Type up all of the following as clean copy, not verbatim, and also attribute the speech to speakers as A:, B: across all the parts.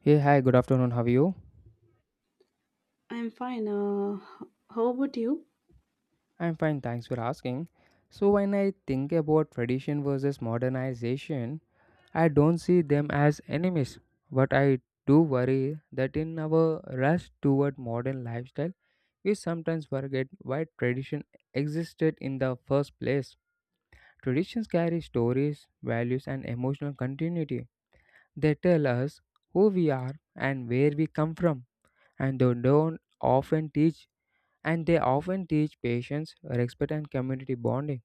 A: Hey, hi, good afternoon. How are you?
B: I'm fine. How about you?
A: I'm fine, thanks for asking. So, when I think about tradition versus modernization, I don't see them as enemies, but I do worry that in our rush toward modern lifestyle, we sometimes forget why tradition existed in the first place. Traditions carry stories, values, and emotional continuity. They tell us who we are and where we come from, and they don't often teach and they often teach patience, respect, and community bonding.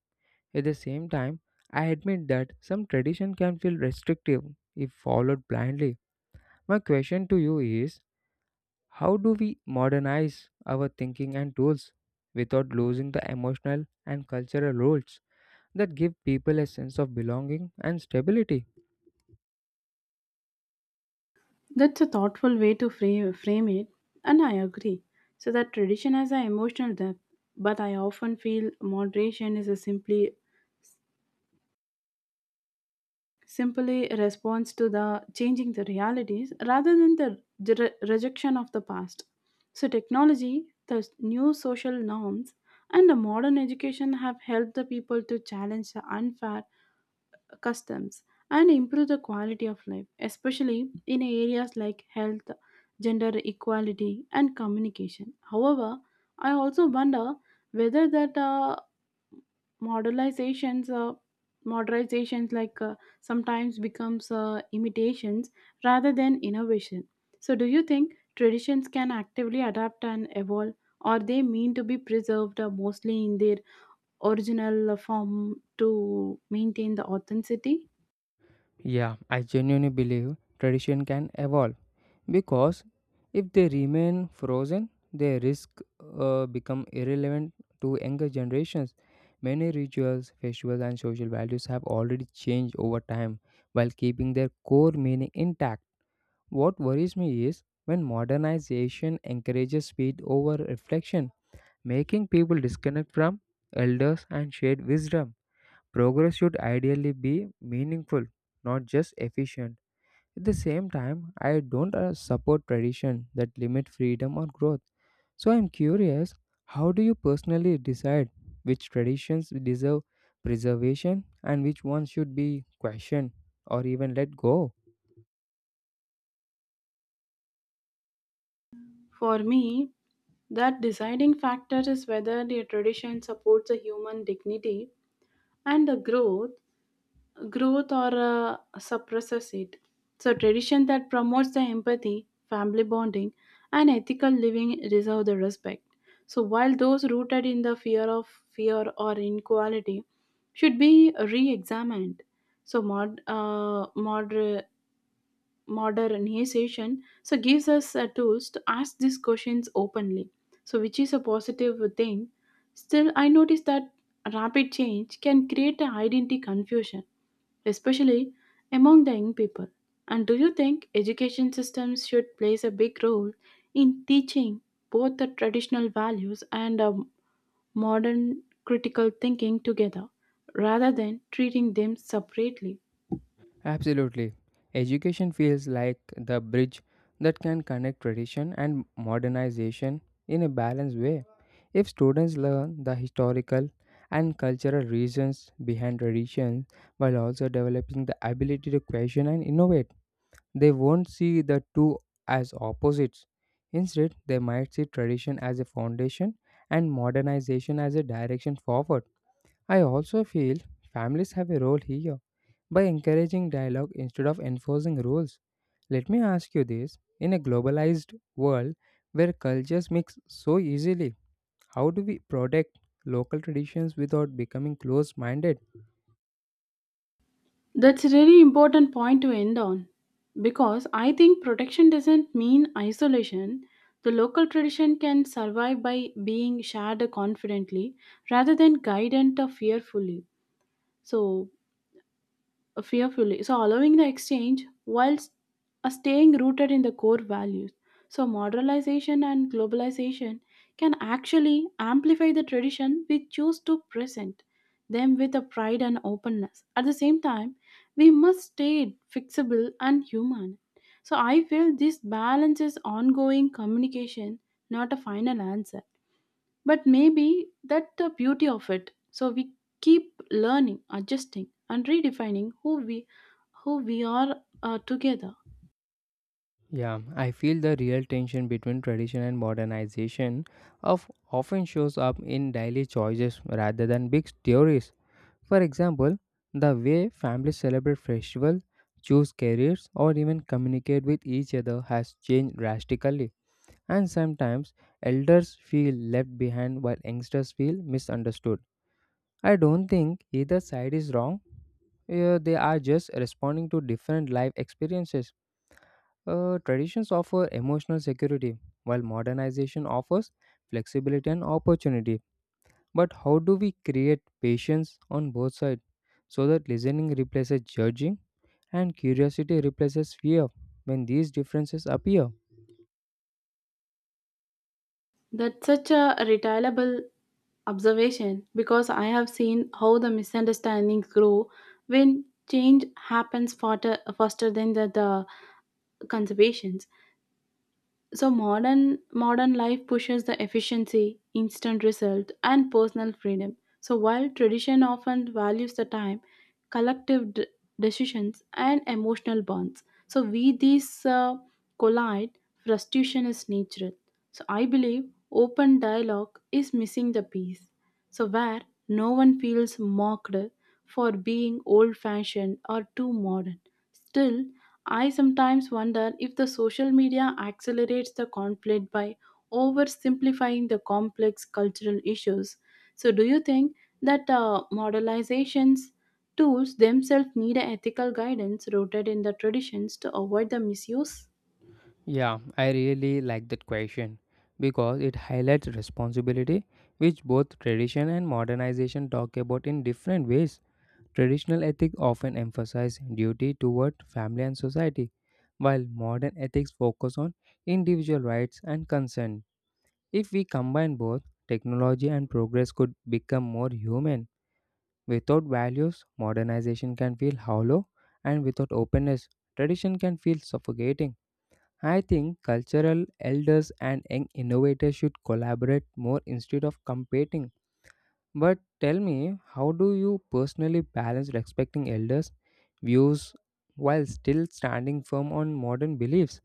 A: At the same time, I admit that some tradition can feel restrictive if followed blindly. My question to you is, how do we modernize our thinking and tools without losing the emotional and cultural roots that give people a sense of belonging and stability?
B: That's a thoughtful way to frame it, and I agree. So, that tradition has an emotional depth, but I often feel moderation is a simply simply a response to the changing the realities rather than the rejection of the past. So, technology, the new social norms, and the modern education have helped the people to challenge the unfair customs, and improve the quality of life, especially in areas like health, gender equality, and communication. However, I also wonder whether that modelizations, modernizations like sometimes becomes imitations rather than innovation. So, do you think traditions can actively adapt and evolve, or they mean to be preserved mostly in their original form to maintain the authenticity?
A: Yeah, I genuinely believe tradition can evolve, because if they remain frozen they risk become irrelevant to younger generations. Many rituals, festivals, and social values have already changed over time while keeping their core meaning intact. What worries me is when modernization encourages speed over reflection, making people disconnect from elders and shared wisdom. Progress should ideally be meaningful, not just efficient. At the same time, I don't support tradition that limit freedom or growth. So I'm curious, how do you personally decide which traditions deserve preservation and which ones should be questioned or even let go?
B: For me, that deciding factor is whether the tradition supports a human dignity and the growth or suppresses it. So tradition that promotes the empathy, family bonding, and ethical living deserve the respect, so while those rooted in the fear or inequality should be re-examined. So modernization so gives us tools to ask these questions openly, so which is a positive thing. Still, I notice that rapid change can create a identity confusion, especially among the young people. And do you think education systems should plays a big role in teaching both the traditional values and modern critical thinking together rather than treating them separately?
A: Absolutely. Education feels like the bridge that can connect tradition and modernization in a balanced way. If students learn the historical and cultural reasons behind traditions while also developing the ability to question and innovate, they won't see the two as opposites. Instead, they might see tradition as a foundation and modernization as a direction forward. I also feel families have a role here by encouraging dialogue instead of enforcing rules. Let me ask you this, in a globalized world where cultures mix so easily, how do we protect local traditions without becoming close minded?
B: That's a really important point to end on because I think protection doesn't mean isolation. The local tradition can survive by being shared confidently rather than guided or fearfully. So, fearfully. So, allowing the exchange whilst staying rooted in the core values. So, modernization and globalization can actually amplify the tradition we choose to present them with a pride and openness. At the same time, we must stay fixable and human. So, I feel this balance is ongoing communication, not a final answer. But maybe that's the beauty of it. So we keep learning, adjusting, and redefining who we are together.
A: Yeah, I feel the real tension between tradition and modernization of often shows up in daily choices rather than big theories. For example, the way families celebrate festivals, choose careers, or even communicate with each other has changed drastically, and sometimes elders feel left behind while youngsters feel misunderstood. I don't think either side is wrong. They are just responding to different life experiences. Traditions offer emotional security, while modernization offers flexibility and opportunity. But how do we create patience on both sides so that listening replaces judging and curiosity replaces fear when these differences appear?
B: That's such a retailable observation because I have seen how the misunderstandings grow when change happens faster than the conservations. So modern life pushes the efficiency, instant result, and personal freedom. So while tradition often values the time, collective decisions, and emotional bonds, so we these collide. Frustration is natural. So I believe open dialogue is missing the piece. So where no one feels mocked for being old-fashioned or too modern. Still, I sometimes wonder if the social media accelerates the conflict by oversimplifying the complex cultural issues. So, do you think that modelizations tools themselves need a ethical guidance rooted in the traditions to avoid the misuse?
A: Yeah, I really like that question because it highlights responsibility, which both tradition and modernization talk about in different ways. Traditional ethics often emphasize duty toward family and society, while modern ethics focus on individual rights and consent. If we combine both, technology and progress could become more human. Without values, modernization can feel hollow, and without openness, tradition can feel suffocating. I think cultural elders and young innovators should collaborate more instead of competing. But tell me, how do you personally balance respecting elders' views while still standing firm on modern beliefs?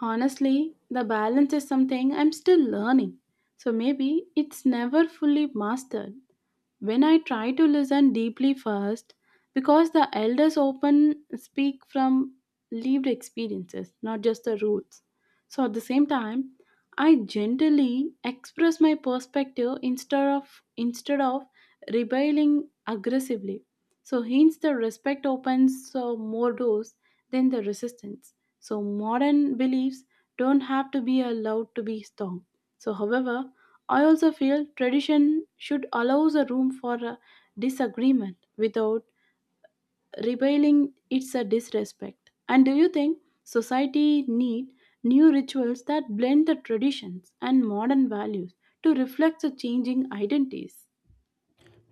B: Honestly, the balance is something I'm still learning. So maybe it's never fully mastered, when I try to listen deeply first, because the elders often speak from lived experiences, not just the rules. So at the same time, I gently express my perspective instead of rebelling aggressively. So hence the respect opens so more doors than the resistance. So modern beliefs don't have to be allowed to be strong. So however, I also feel tradition should allow the room for a disagreement without rebelling its a disrespect. And do you think society need new rituals that blend the traditions and modern values to reflect the changing identities?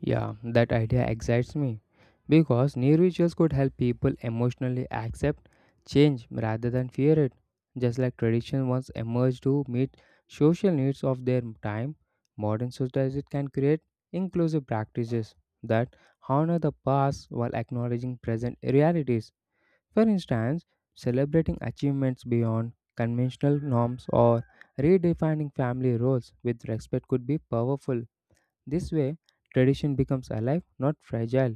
A: Yeah, that idea excites me because new rituals could help people emotionally accept change rather than fear it. Just like tradition once emerged to meet social needs of their time, modern societies can create inclusive practices that honor the past while acknowledging present realities. For instance, celebrating achievements beyond conventional norms or redefining family roles with respect could be powerful. This way, tradition becomes alive, not fragile.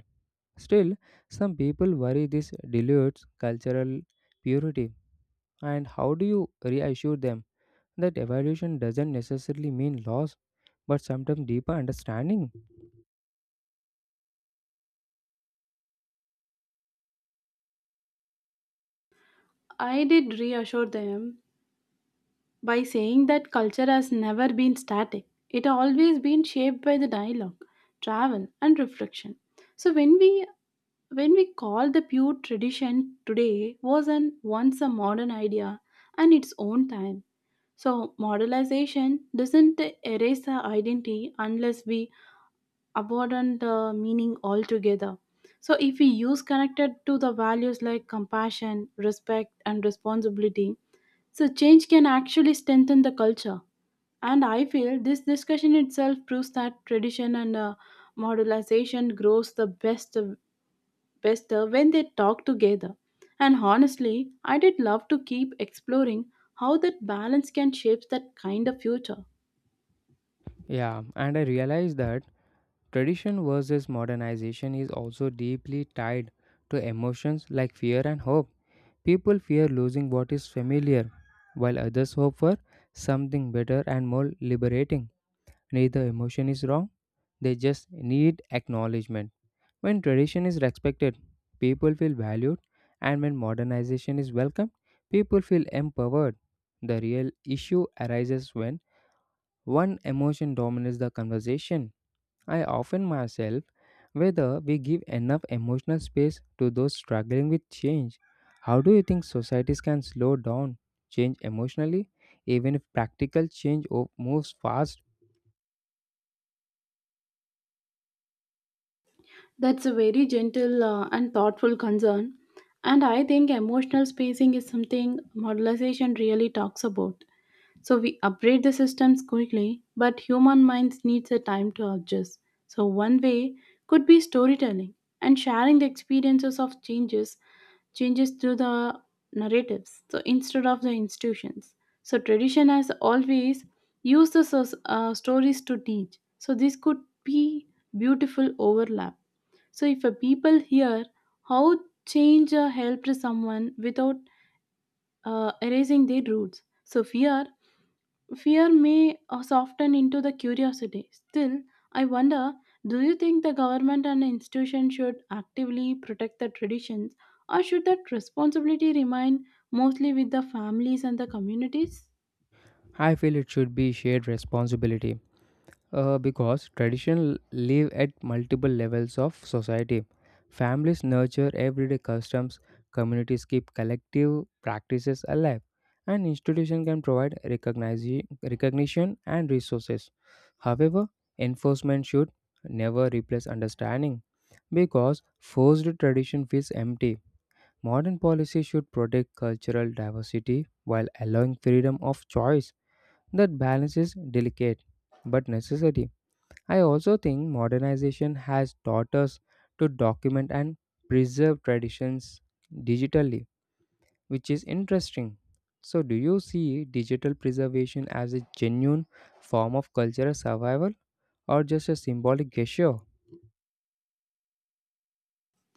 A: Still, some people worry this dilutes cultural purity. And how do you reassure them that evolution doesn't necessarily mean loss, but sometimes deeper understanding?
B: I did reassure them by saying that culture has never been static. It always been shaped by the dialogue, travel and reflection. So when we call the pure tradition today was an once a modern idea and its own time, so modernization doesn't erase the identity unless we abandon the meaning altogether. So if we use connected to the values like compassion, respect, and responsibility, so change can actually strengthen the culture. And I feel this discussion itself proves that tradition and modernization grows the best better when they talk together. And honestly, I did love to keep exploring how that balance can shape that kind of future.
A: Yeah, and I realized that tradition versus modernization is also deeply tied to emotions like fear and hope. People fear losing what is familiar, while others hope for something better and more liberating. Neither emotion is wrong, they just need acknowledgement. When tradition is respected, people feel valued, and when modernization is welcomed, people feel empowered. The real issue arises when one emotion dominates the conversation. I often myself whether we give enough emotional space to those struggling with change. How do you think societies can slow down change emotionally, even if practical change moves fast?
B: That's a very gentle and thoughtful concern. And I think emotional spacing is something modelization really talks about. So we upgrade the systems quickly, but human minds needs a time to adjust. So one way could be storytelling and sharing the experiences of changes through the narratives, so instead of the institutions. So tradition has always used the stories to teach, so this could be beautiful overlap. So if a people hear how change helped someone without erasing their roots, so fear may soften into the curiosity. Still, I wonder, do you think the government and institutions should actively protect the traditions, or should that responsibility remain mostly with the families and the communities?
A: I feel it should be shared responsibility because tradition live at multiple levels of society. Families nurture everyday customs, communities keep collective practices alive, and institutions can provide recognition and resources. However, enforcement should never replace understanding because forced tradition feels empty. Modern policy should protect cultural diversity while allowing freedom of choice. That balance is delicate but necessary. I also think modernization has taught us to document and preserve traditions digitally, which is interesting. So, do you see digital preservation as a genuine form of cultural survival or just a symbolic gesture?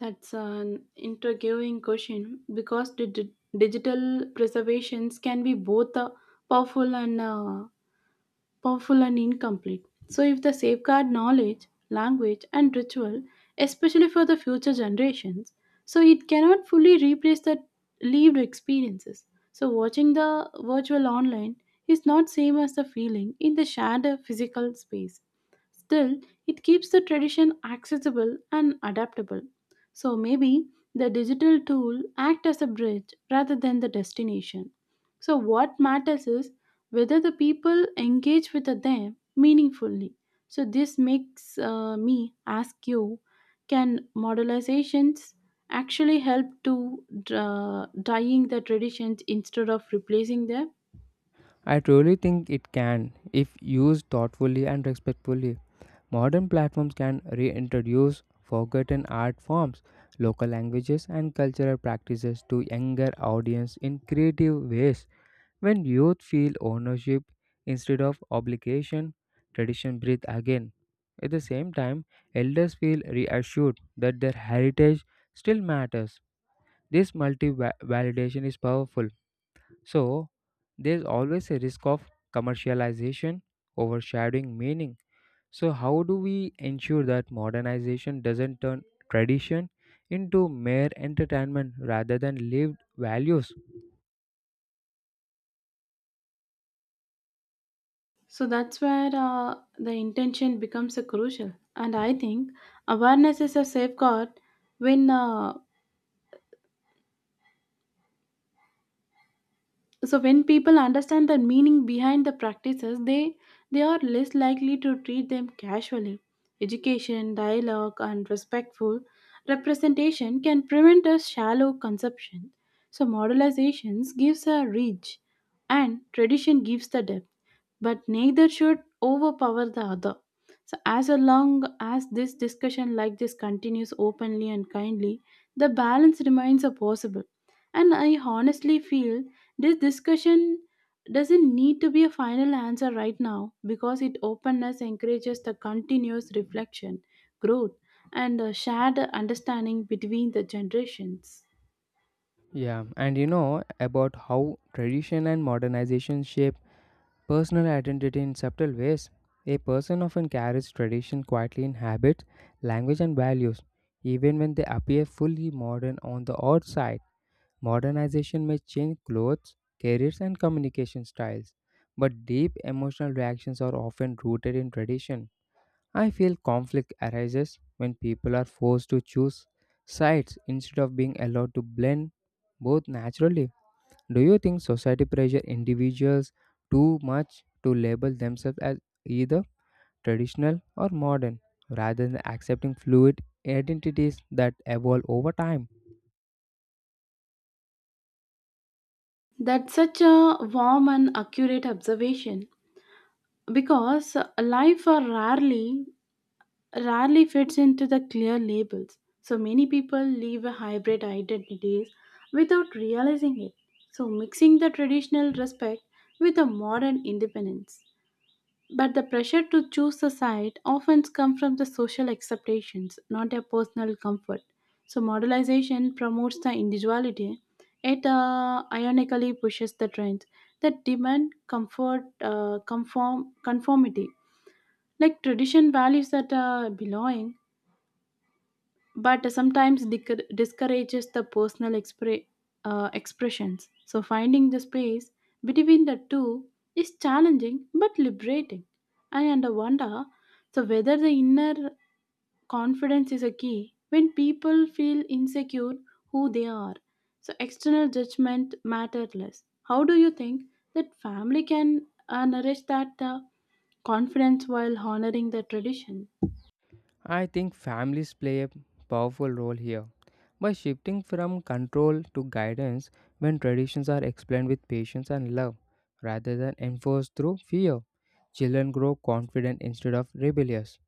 B: That's an intriguing question because digital preservations can be both powerful and uh, powerful and incomplete. So, if the safeguard knowledge, language, and ritual, especially for the future generations, so it cannot fully replace the lived experiences. So, watching the virtual online is not same as the feeling in the shared physical space. Still, it keeps the tradition accessible and adaptable. So maybe the digital tool act as a bridge rather than the destination. So what matters is whether the people engage with them meaningfully. So this makes me ask you, can modelizations actually help to dying the traditions instead of replacing them?
A: I truly think it can if used thoughtfully and respectfully. Modern platforms can reintroduce forgotten art forms, local languages, and cultural practices to younger audience in creative ways. When youth feel ownership instead of obligation, tradition breathes again. At the same time, elders feel reassured that their heritage still matters. This multi validation is powerful. So, there's always a risk of commercialization overshadowing meaning. So, how do we ensure that modernization doesn't turn tradition into mere entertainment rather than lived values?
B: So that's where the intention becomes a crucial. And I think awareness is a safeguard when uh, when people understand the meaning behind the practices, they are less likely to treat them casually. Education, dialogue, and respectful representation can prevent a shallow conception. So modelizations gives a reach and tradition gives the depth, but neither should overpower the other. So, as long as this discussion like this continues openly and kindly, the balance remains a possible. And I honestly feel this discussion doesn't need to be a final answer right now because it openness encourages the continuous reflection, growth, and shared understanding between the generations.
A: Yeah, and you know about how tradition and modernization shape personal identity in subtle ways. A person often carries tradition quietly in habits, language, and values, even when they appear fully modern on the outside. Modernization may change clothes, careers, and communication styles, but deep emotional reactions are often rooted in tradition. I feel conflict arises when people are forced to choose sides instead of being allowed to blend both naturally. Do you think society pressure individuals too much to label themselves as either traditional or modern rather than accepting fluid identities that evolve over time?
B: That's such a warm and accurate observation because life are rarely fits into the clear labels. So many people live a hybrid identities without realizing it. So mixing the traditional respect with a modern independence. But the pressure to choose a side often comes from the social expectations, not a personal comfort. So modernization promotes the individuality. It ironically pushes the trends that demand comfort, conformity. Like tradition values that belonging, but sometimes discourages the personal expressions. So, finding the space between the two is challenging but liberating. And I wonder so whether the inner confidence is a key when people feel insecure who they are. So, external judgment matter less. How do you think that family can nourish that confidence while honoring the tradition?
A: I think families play a powerful role here, by shifting from control to guidance. When traditions are explained with patience and love rather than enforced through fear, children grow confident instead of rebellious.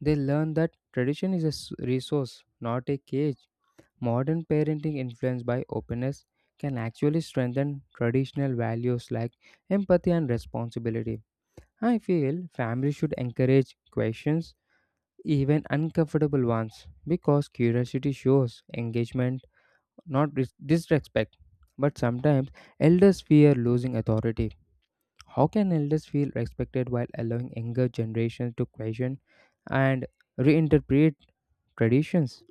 A: They learn that tradition is a resource, not a cage. Modern parenting influenced by openness can actually strengthen traditional values like empathy and responsibility. I feel families should encourage questions, even uncomfortable ones, because curiosity shows engagement, not disrespect. But sometimes elders fear losing authority. How can elders feel respected while allowing younger generations to question and reinterpret traditions?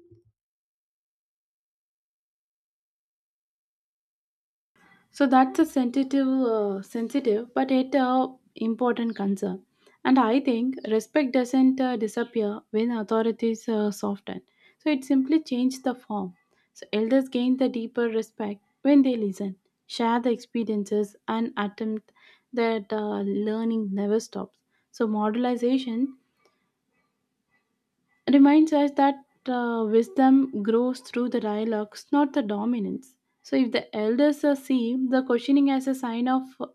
B: So that's a sensitive, but yet important concern. And I think respect doesn't disappear when authorities soften. So it simply changes the form. So elders gain the deeper respect when they listen, share the experiences, and attempt that learning never stops. So modernization reminds us that wisdom grows through the dialogues, not the dominance. So, if the elders see the questioning as a sign of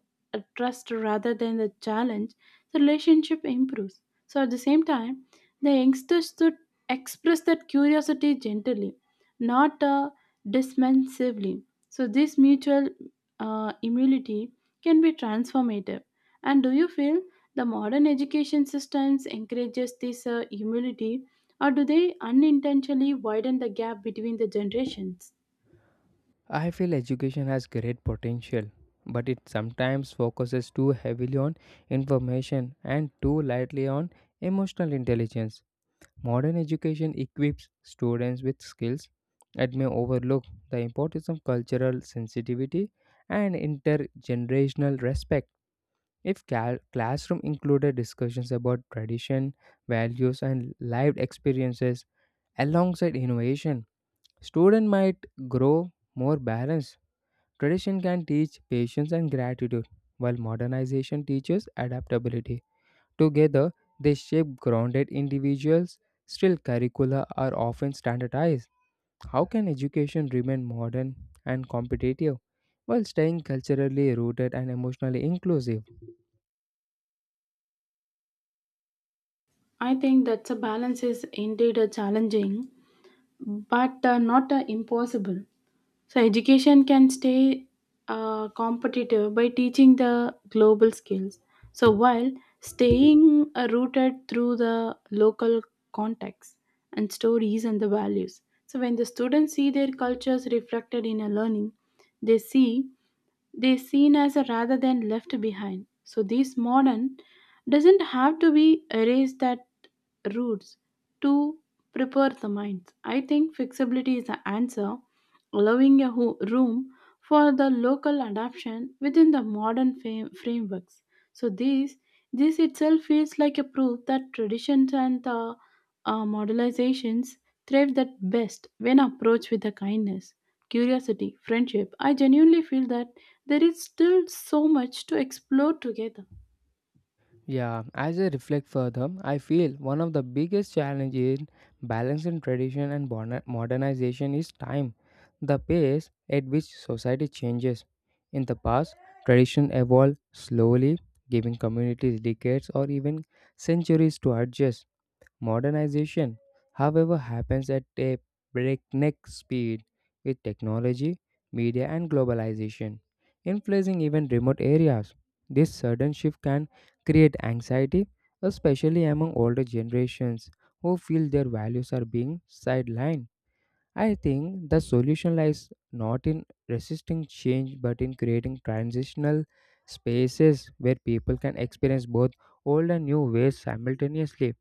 B: trust rather than the challenge, the relationship improves. So, at the same time, the youngsters should express that curiosity gently, not dismissively. So, this mutual immunity can be transformative. And do you feel the modern education systems encourages this humility, or do they unintentionally widen the gap between the generations?
A: I feel education has great potential, but it sometimes focuses too heavily on information and too lightly on emotional intelligence. Modern education equips students with skills that may overlook the importance of cultural sensitivity and intergenerational respect. If classroom included discussions about tradition, values, and lived experiences alongside innovation, students might grow more balanced. Tradition can teach patience and gratitude, while modernization teaches adaptability. Together, they shape grounded individuals. Still, curricula are often standardized. How can education remain modern and competitive while staying culturally rooted and emotionally inclusive?
B: I think that the balance is indeed a challenging, but not impossible. So education can stay competitive by teaching the global skills. So while staying rooted through the local context and stories and the values. So when the students see their cultures reflected in a learning, they see they seen as a rather than left behind. So this modern doesn't have to be erased that roots to prepare the minds. I think flexibility is the answer, allowing a room for the local adoption within the modern frameworks. So this itself feels like a proof that traditions and the modelizations thrive that best when approached with the kindness, curiosity, friendship. I genuinely feel that there is still so much to explore together.
A: Yeah, as I reflect further, I feel one of the biggest challenges in balancing tradition and modernization is time, the pace at which society changes. In the past, tradition evolved slowly, giving communities decades or even centuries to adjust. Modernization, however, happens at a breakneck speed with technology, media, and globalization, influencing even remote areas. This sudden shift can create anxiety, especially among older generations who feel their values are being sidelined. I think the solution lies not in resisting change but in creating transitional spaces where people can experience both old and new ways simultaneously.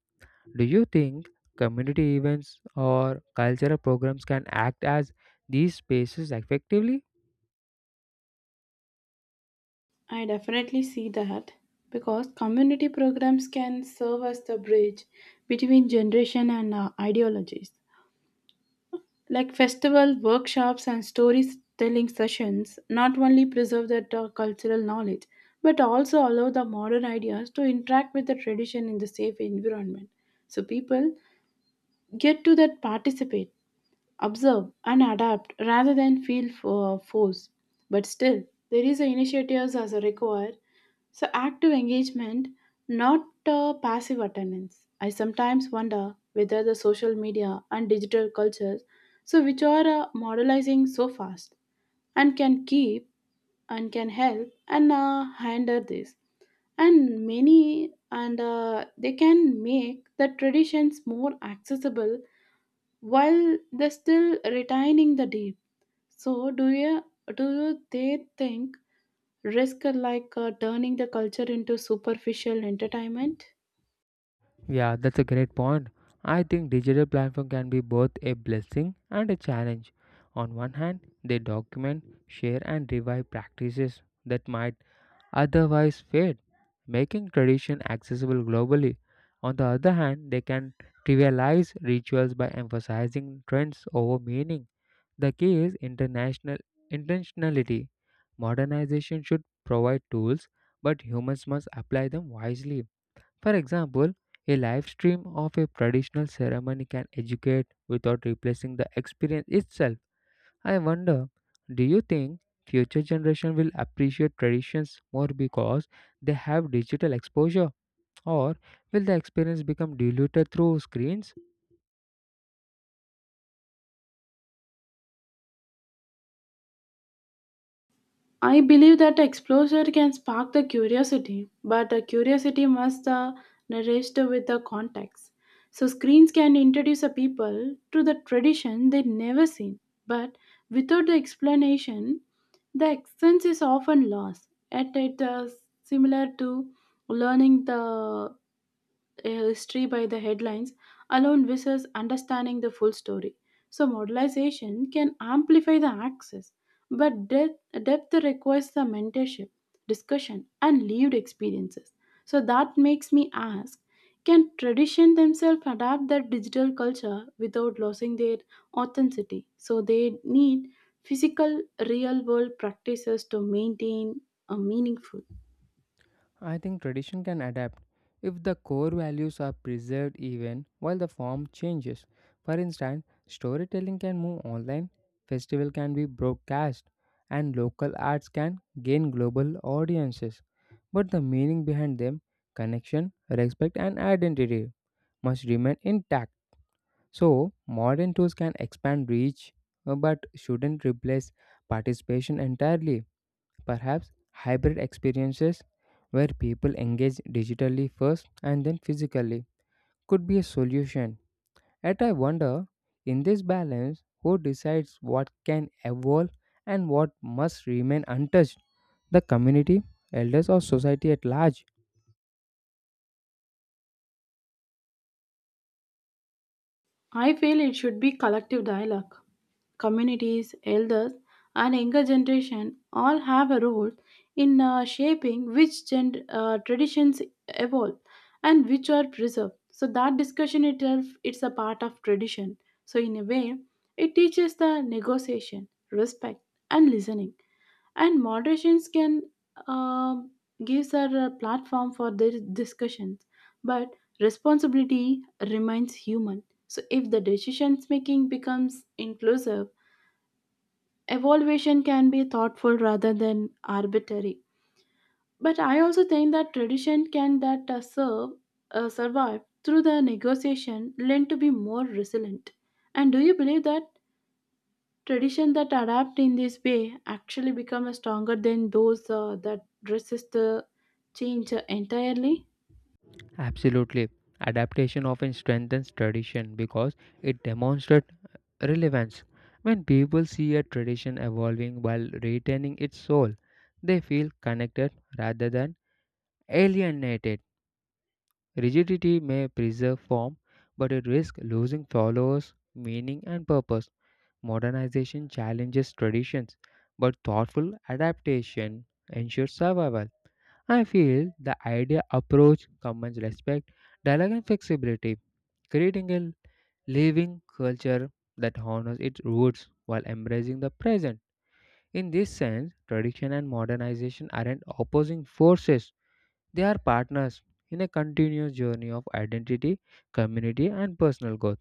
A: Do you think community events or cultural programs can act as these spaces effectively?
B: I definitely see that because community programs can serve as the bridge between generation and ideologies. Like festival workshops and storytelling sessions not only preserve that cultural knowledge, but also allow the modern ideas to interact with the tradition in the safe environment. So people get to that participate, observe, and adapt rather than feel for force. But still, there is a initiatives as a required. So active engagement, not passive attendance. I sometimes wonder whether the social media and digital cultures, so which are modelizing so fast, and can keep and can help and hinder this, and many and they can make the traditions more accessible while they still retaining the deep. So, do you they think risk like turning the culture into superficial entertainment?
A: Yeah, that's a great point. I think digital platform can be both a blessing and a challenge. On one hand, they document, share and revive practices that might otherwise fade, making tradition accessible globally. On the other hand, they can trivialize rituals by emphasizing trends over meaning. The key is international intentionality. Modernization should provide tools, but humans must apply them wisely. For example, a live stream of a traditional ceremony can educate without replacing the experience itself. I wonder, do you think future generation will appreciate traditions more because they have digital exposure, or will the experience become diluted through screens?
B: I believe that exposure can spark the curiosity, but the curiosity must nourished with the context. So screens can introduce a people to the tradition they never seen, but without the explanation, the essence is often lost. At it similar to learning the a history by the headlines alone versus understanding the full story. So, modernization can amplify the access, but depth requires the mentorship, discussion, and lived experiences. So that makes me ask, can tradition themselves adapt their digital culture without losing their authenticity? So they need physical, real world practices to maintain a meaningful.
A: I think tradition can adapt if the core values are preserved even while the form changes. For instance, storytelling can move online, festival can be broadcast, and local arts can gain global audiences. But the meaning behind them, connection, respect and identity, must remain intact. So, modern tools can expand reach but shouldn't replace participation entirely. Perhaps hybrid experiences where people engage digitally first and then physically could be a solution. Yet, I wonder, in this balance, who decides what can evolve and what must remain untouched? The community, elders, or society at large?
B: I feel it should be collective dialogue. Communities, elders, and younger generation all have a role in shaping which traditions evolve and which are preserved. So that discussion itself, it's a part of tradition. So in a way, it teaches the negotiation, respect, and listening, and moderations can um gives her a platform for their discussions, but responsibility remains human. So if the decisions making becomes inclusive, evaluation can be thoughtful rather than arbitrary. But I also think that tradition can that serve survive through the negotiation lent to be more resilient. And do you believe that tradition that adapt in this way actually become stronger than those that resist the change entirely.
A: Absolutely. Adaptation often strengthens tradition because it demonstrates relevance. When people see a tradition evolving while retaining its soul, they feel connected rather than alienated. Rigidity may preserve form, but it risks losing followers, meaning, and purpose. Modernization challenges traditions, but thoughtful adaptation ensures survival. I feel the idea approach combines respect, dialogue, and flexibility, creating a living culture that honors its roots while embracing the present. In this sense, tradition and modernization aren't opposing forces, they are partners in a continuous journey of identity, community, and personal growth.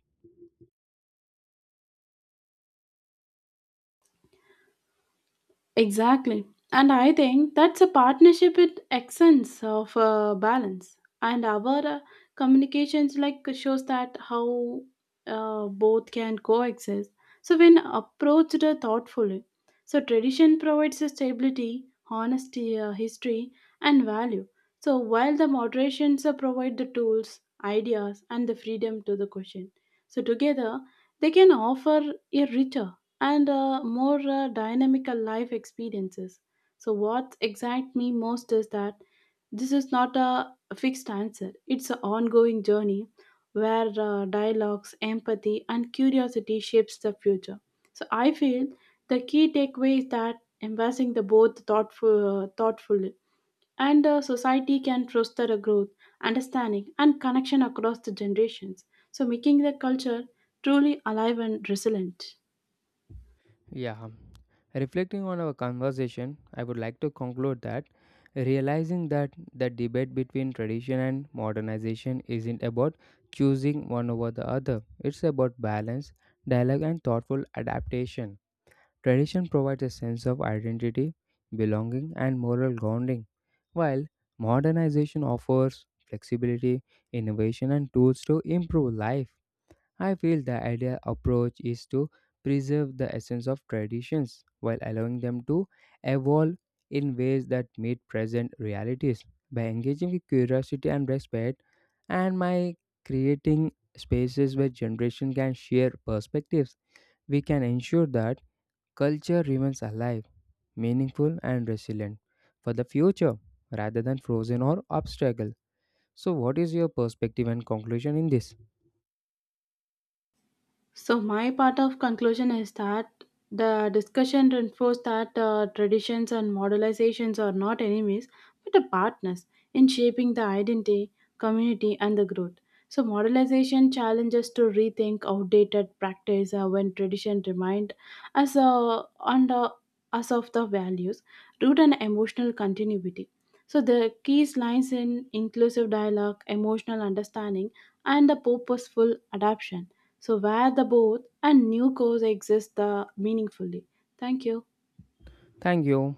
B: Exactly. And I think that's a partnership with accents of balance. And our communications like shows that how both can coexist. So when approached thoughtfully, so tradition provides a stability, honesty, history, and value. So while the moderations provide the tools, ideas, and the freedom to the question. So together, they can offer a richer and more dynamical life experiences. So, what excites me most is that this is not a fixed answer, it's an ongoing journey where dialogues, empathy, and curiosity shapes the future. So, I feel the key takeaway is that embracing the both thoughtfully and society can foster a growth, understanding, and connection across the generations. So, making the culture truly alive and resilient.
A: Yeah. Reflecting on our conversation, I would like to conclude that realizing that the debate between tradition and modernization isn't about choosing one over the other, it's about balance, dialogue, and thoughtful adaptation. Tradition provides a sense of identity, belonging, and moral grounding, while modernization offers flexibility, innovation, and tools to improve life. I feel the ideal approach is to preserve the essence of traditions while allowing them to evolve in ways that meet present realities. By engaging with curiosity and respect, and by creating spaces where generations can share perspectives, we can ensure that culture remains alive, meaningful, and resilient for the future rather than frozen or obstacle. So, what is your perspective and conclusion in this?
B: So my part of conclusion is that the discussion reinforced that traditions and modelizations are not enemies but are partners in shaping the identity, community, and the growth. So modelization challenges to rethink outdated practice when tradition remind us uh, and uh, us of the values, root, and emotional continuity. So the keys lies in inclusive dialogue, emotional understanding, and the purposeful adaptation so where the both and new coexist the meaningfully. Thank you.
A: Thank you.